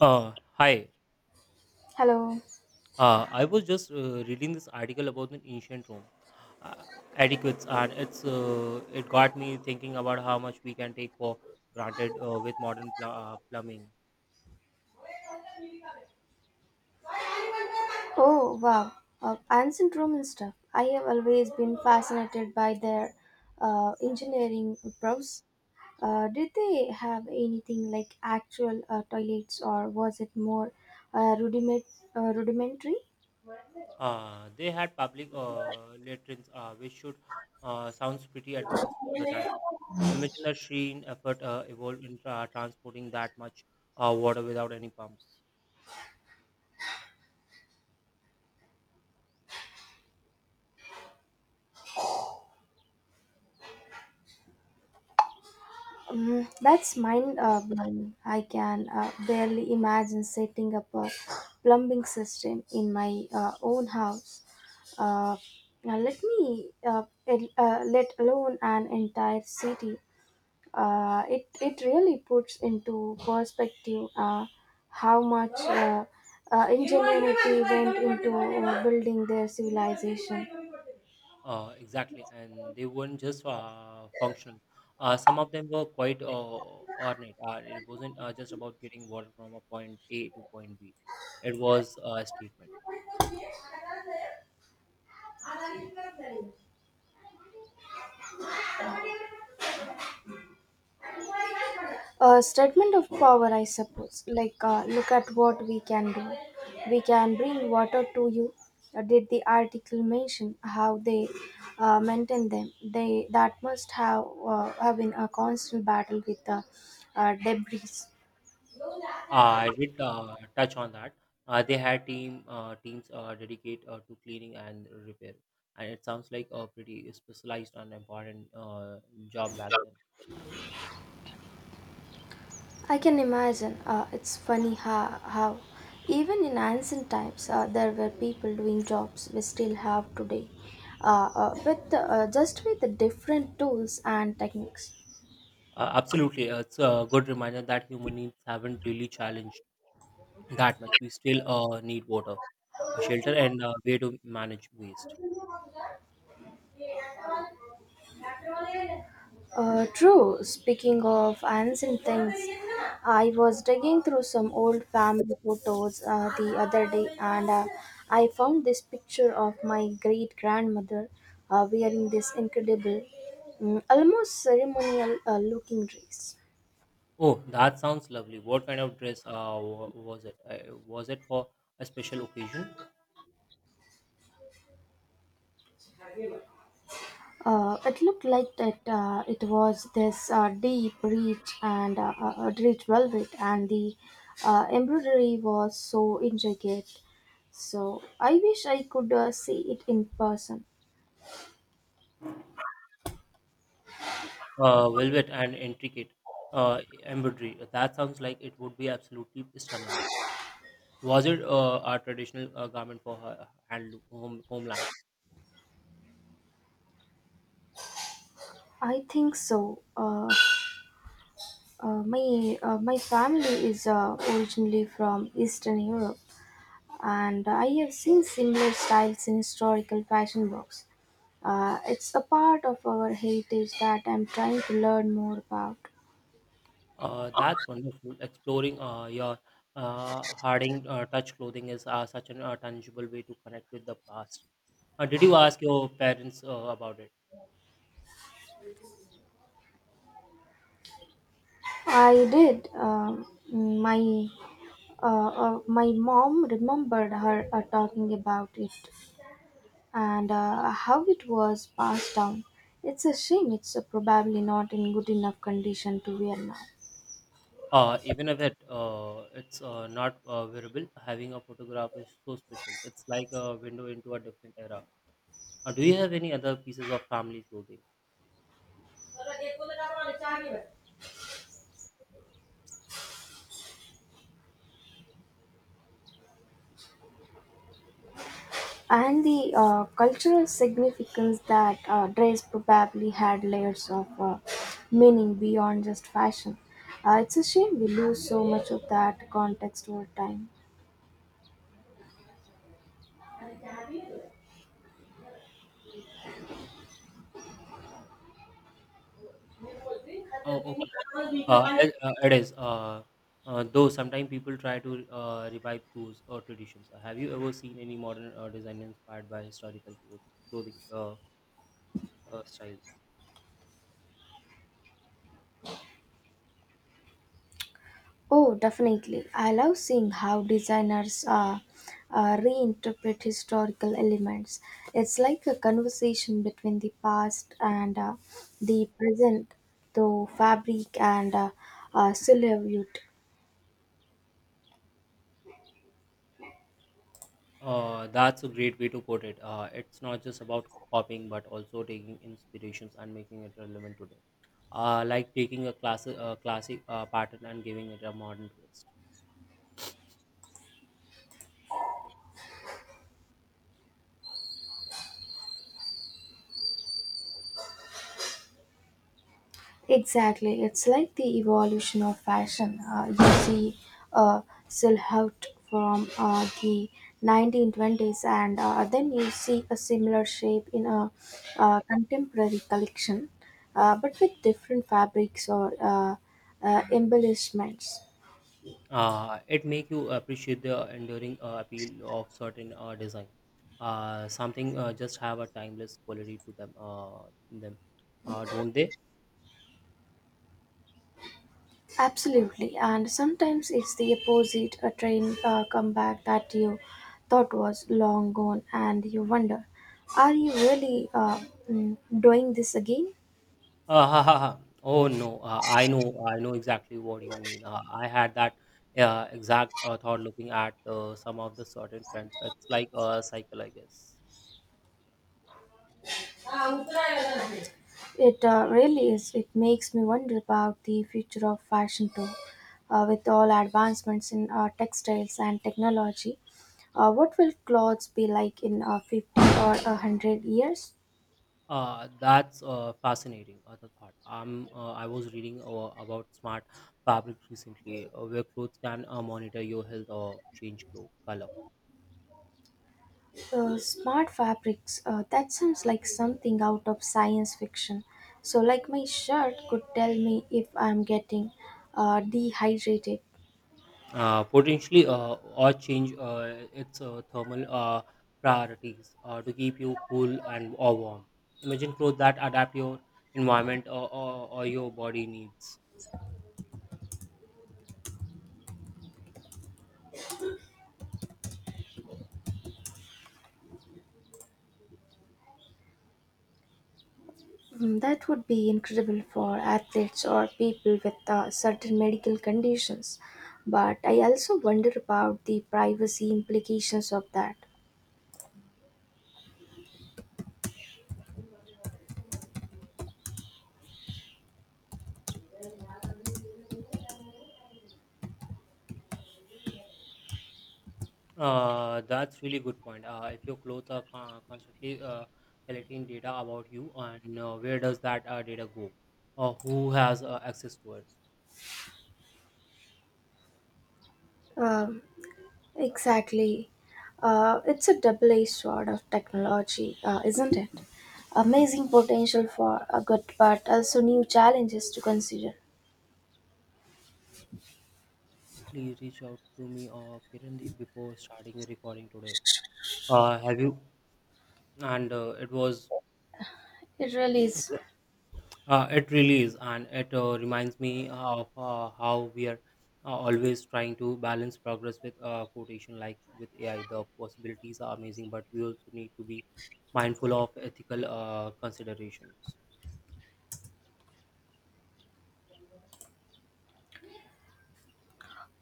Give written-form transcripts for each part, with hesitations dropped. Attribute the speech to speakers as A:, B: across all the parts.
A: Hi.
B: Hello.
A: I was just reading this article about an ancient Rome uh, adequates, and it got me thinking about how much we can take for granted with modern plumbing.
B: Oh, wow. Ancient Roman stuff. I have always been fascinated by their engineering prowess. Did they have anything like actual toilets, or was it more uh, rudiment- rudimentary?
A: They had public latrines, which should sounds pretty advanced for the time. Imagine the sheer effort involved in transporting that much water without any pumps.
B: That's mind blowing. I can barely imagine setting up a plumbing system in my own house. Uh, now let me let alone an entire city. It really puts into perspective how much ingenuity went into building their civilization.
A: Exactly, and they weren't just functional. Some of them were quite ornate. It wasn't just about getting water from a point A to point B. It was a statement.
B: A statement of power, I suppose. Like, look at what we can do. We can bring water to you. Did the article mention how they maintain them? They that must have been a constant battle with the debris.
A: I did touch on that. They had teams dedicate to cleaning and repair, and it sounds like a pretty specialized and important job back then.
B: I can imagine. It's funny how even in ancient times there were people doing jobs we still have today, with just with the different tools and techniques.
A: Absolutely, it's a good reminder that human needs haven't really challenged that much. We still need water. A shelter and a way to manage waste.
B: True. Speaking of ancient things, I was digging through some old family photos the other day, and I found this picture of my great grandmother wearing this incredible, almost ceremonial looking dress.
A: Oh, that sounds lovely. What kind of dress was it? Was it for a special occasion?
B: It looked like that it was this deep, rich, and rich velvet, and the embroidery was so intricate. So I wish I could see it in person.
A: Velvet and intricate embroidery. That sounds like it would be absolutely stunning. Was it a traditional garment for her homeland?
B: I think so. My family is originally from Eastern Europe, and I have seen similar styles in historical fashion books. It's a part of our heritage that I'm trying to learn more about.
A: That's wonderful. Exploring your Harding touch clothing is such an tangible way to connect with the past. Did you ask your parents about it?
B: I did. My my mom remembered her talking about it and how it was passed down. It's a shame. It's probably not in good enough condition to wear now.
A: Even if it's not wearable, having a photograph is so special. It's like a window into a different era. Do you have any other pieces of family clothing?
B: And the cultural significance that dress probably had layers of meaning beyond just fashion. It's a shame we lose so much of that context over time.
A: Oh, okay. It is. Though sometimes people try to revive those traditions. Have you ever seen any modern design inspired by historical clothing styles?
B: Oh, definitely. I love seeing how designers reinterpret historical elements. It's like a conversation between the past and the present, through fabric and silhouette.
A: That's a great way to put it. It's not just about copying, but also taking inspirations and making it relevant today. Like taking a classic pattern and giving it a modern twist.
B: Exactly. It's like the evolution of fashion. You see a silhouette from the 1920s, and then you see a similar shape in a contemporary collection, but with different fabrics or embellishments.
A: It make you appreciate the enduring appeal of certain design. Something just have a timeless quality to them. Them, don't they?
B: Absolutely. And sometimes it's the opposite, a train comeback that you thought was long gone, and you wonder, are you really doing this again?
A: Ha, ha, ha. Oh no, I know exactly what you mean. I had that exact thought looking at some of the certain trends. It's like a cycle, I guess.
B: It really is. It makes me wonder about the future of fashion too. With all advancements in textiles and technology, what will clothes be like in 50 or 100 years?
A: That's fascinating. Other thought. I was reading about smart fabrics recently, where clothes can monitor your health or change color.
B: Smart fabrics, that sounds like something out of science fiction. So, like, my shirt could tell me if I'm getting dehydrated.
A: Potentially, or change its thermal priorities to keep you cool and or warm. Imagine clothes that adapt your environment or your body needs.
B: That would be incredible for athletes or people with certain medical conditions. But I also wonder about the privacy implications of that.
A: That's really good point. If your clothes are constantly collecting data about you, and where does that data go? Or who has access to it?
B: Um, exactly. It's a double edged sword of technology, isn't it? Amazing potential for a good, but also new challenges to consider.
A: Please reach out to me or Kirandeep before starting the recording today. Have you? And it was.
B: It really is.
A: It really is, and it reminds me of how we are always trying to balance progress with quotation, like with AI. The possibilities are amazing, but we also need to be mindful of ethical considerations.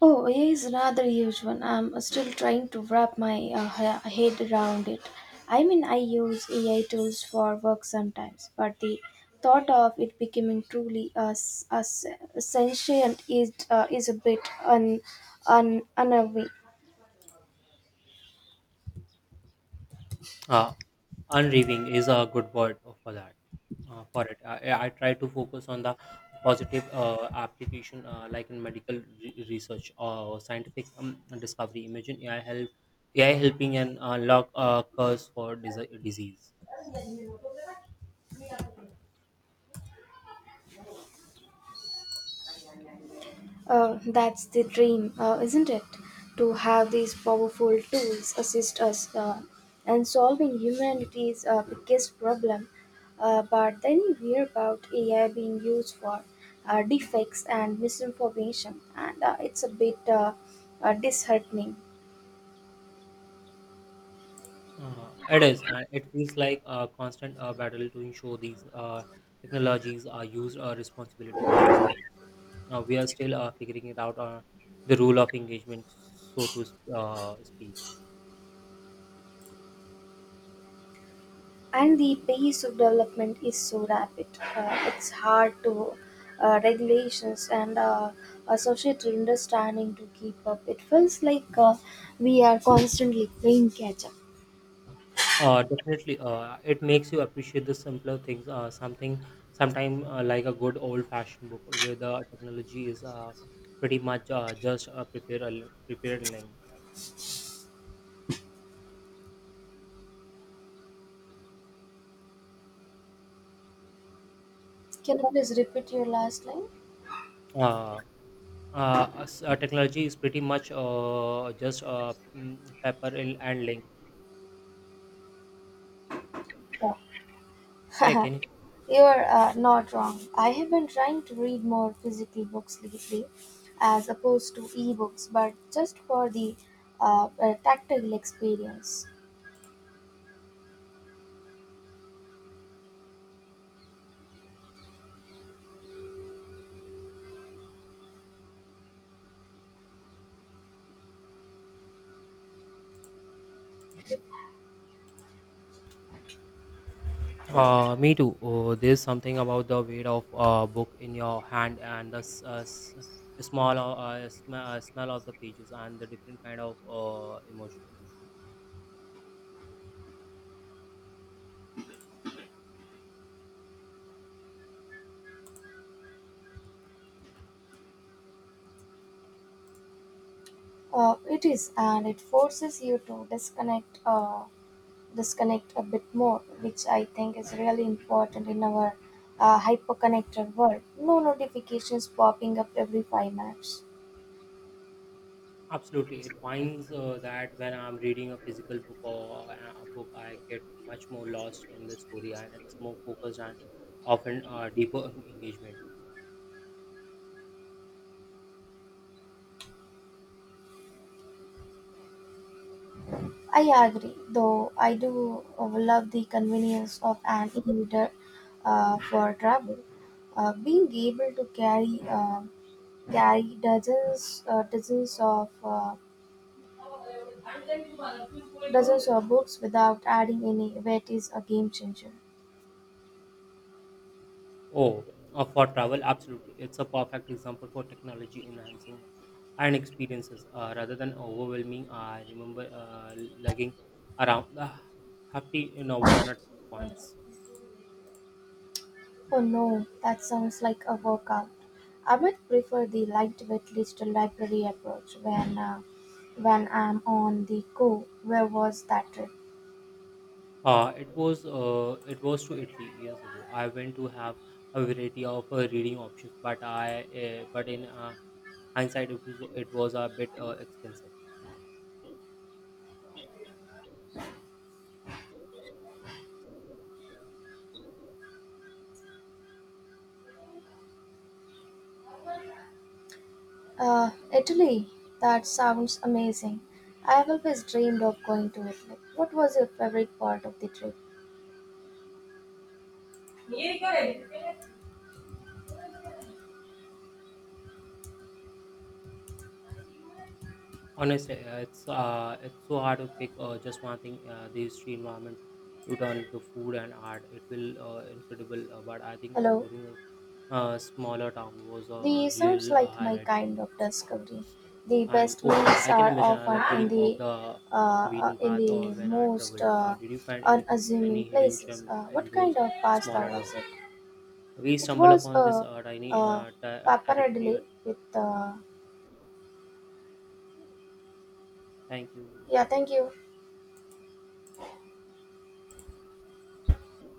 B: Oh, AI is another huge one. I'm still trying to wrap my head around it. I mean, I use AI tools for work sometimes, but the thought of it becoming truly sentient is a bit unnerving.
A: Uh, Unreaving is a good word for that for it. I try to focus on the positive application like in medical research or scientific discovery. Imagine ai help Ai helping and unlock cause for disease.
B: That's the dream, isn't it? To have these powerful tools assist us in solving humanity's biggest problem. But then you hear about AI being used for defects and misinformation, and it's a bit disheartening.
A: It is. It feels like a constant battle to ensure these technologies are used responsibility we are still figuring it out the rule of engagement, so to speak.
B: And the pace of development is so rapid. It's hard to regulations and a societal understanding to keep up. It feels like we are constantly playing catch up.
A: Definitely. It makes you appreciate the simpler things. Sometime like a good old-fashioned book where the technology is pretty much just prepare prepared link.
B: Can you please repeat your last line?
A: Uh, s- technology is pretty much just paper and link. Yeah,
B: Yeah.
A: can you? Yeah.
B: You're not wrong. I have been trying to read more physical books lately as opposed to ebooks, but just for the tactile experience.
A: Me too. Oh, there's something about the weight of a book in your hand and the small smell of the pages and the different kind of emotion.
B: It is, and it forces you to disconnect a bit more, which I think is really important in our hyperconnected world. No notifications popping up every 5 minutes.
A: Absolutely, it finds that when I'm reading a physical book or a book, I get much more lost in the story, and it's more focused and often deeper engagement.
B: I agree, though I do love the convenience of an e-reader for travel. Being able to carry dozens of dozens of books without adding any weight is a game changer.
A: Oh, for travel, absolutely, it's a perfect example for technology enhancing and experiences rather than overwhelming. I remember lugging around the hefty novel on at once.
B: Oh no, that sounds like a workout. I might prefer the lightweight digital library approach when I'm on the go. Where was that trip?
A: It was to Italy years ago. I went to have a variety of reading options, but I but in hindsight, it was a bit expensive.
B: Uh, Italy. That sounds amazing. I've always dreamed of going to Italy. What was your favorite part of the trip?
A: Honestly, it's so hard to pick just one thing. The history, environment, you turn the food and art. It will incredible. But I think
B: Hello.
A: exploring a smaller town was
B: They
A: a
B: sounds
A: real
B: like my
A: highlight for
B: kind
A: me.
B: of discovery. The
A: And
B: best
A: oh,
B: meals
A: I can
B: are
A: imagine. I
B: often
A: love
B: in
A: getting off
B: the
A: the
B: uh, uh,
A: beaten
B: in
A: path or
B: the
A: when I
B: most
A: traveled. Did you find
B: unassuming
A: any hidden
B: places.
A: gem in
B: What kind
A: those
B: of pasta
A: smaller
B: was
A: towns?
B: it?
A: We
B: It
A: stumble
B: was
A: upon this
B: a,
A: tiny
B: a
A: territory.
B: pappardelle with
A: Thank you.
B: yeah. Thank you.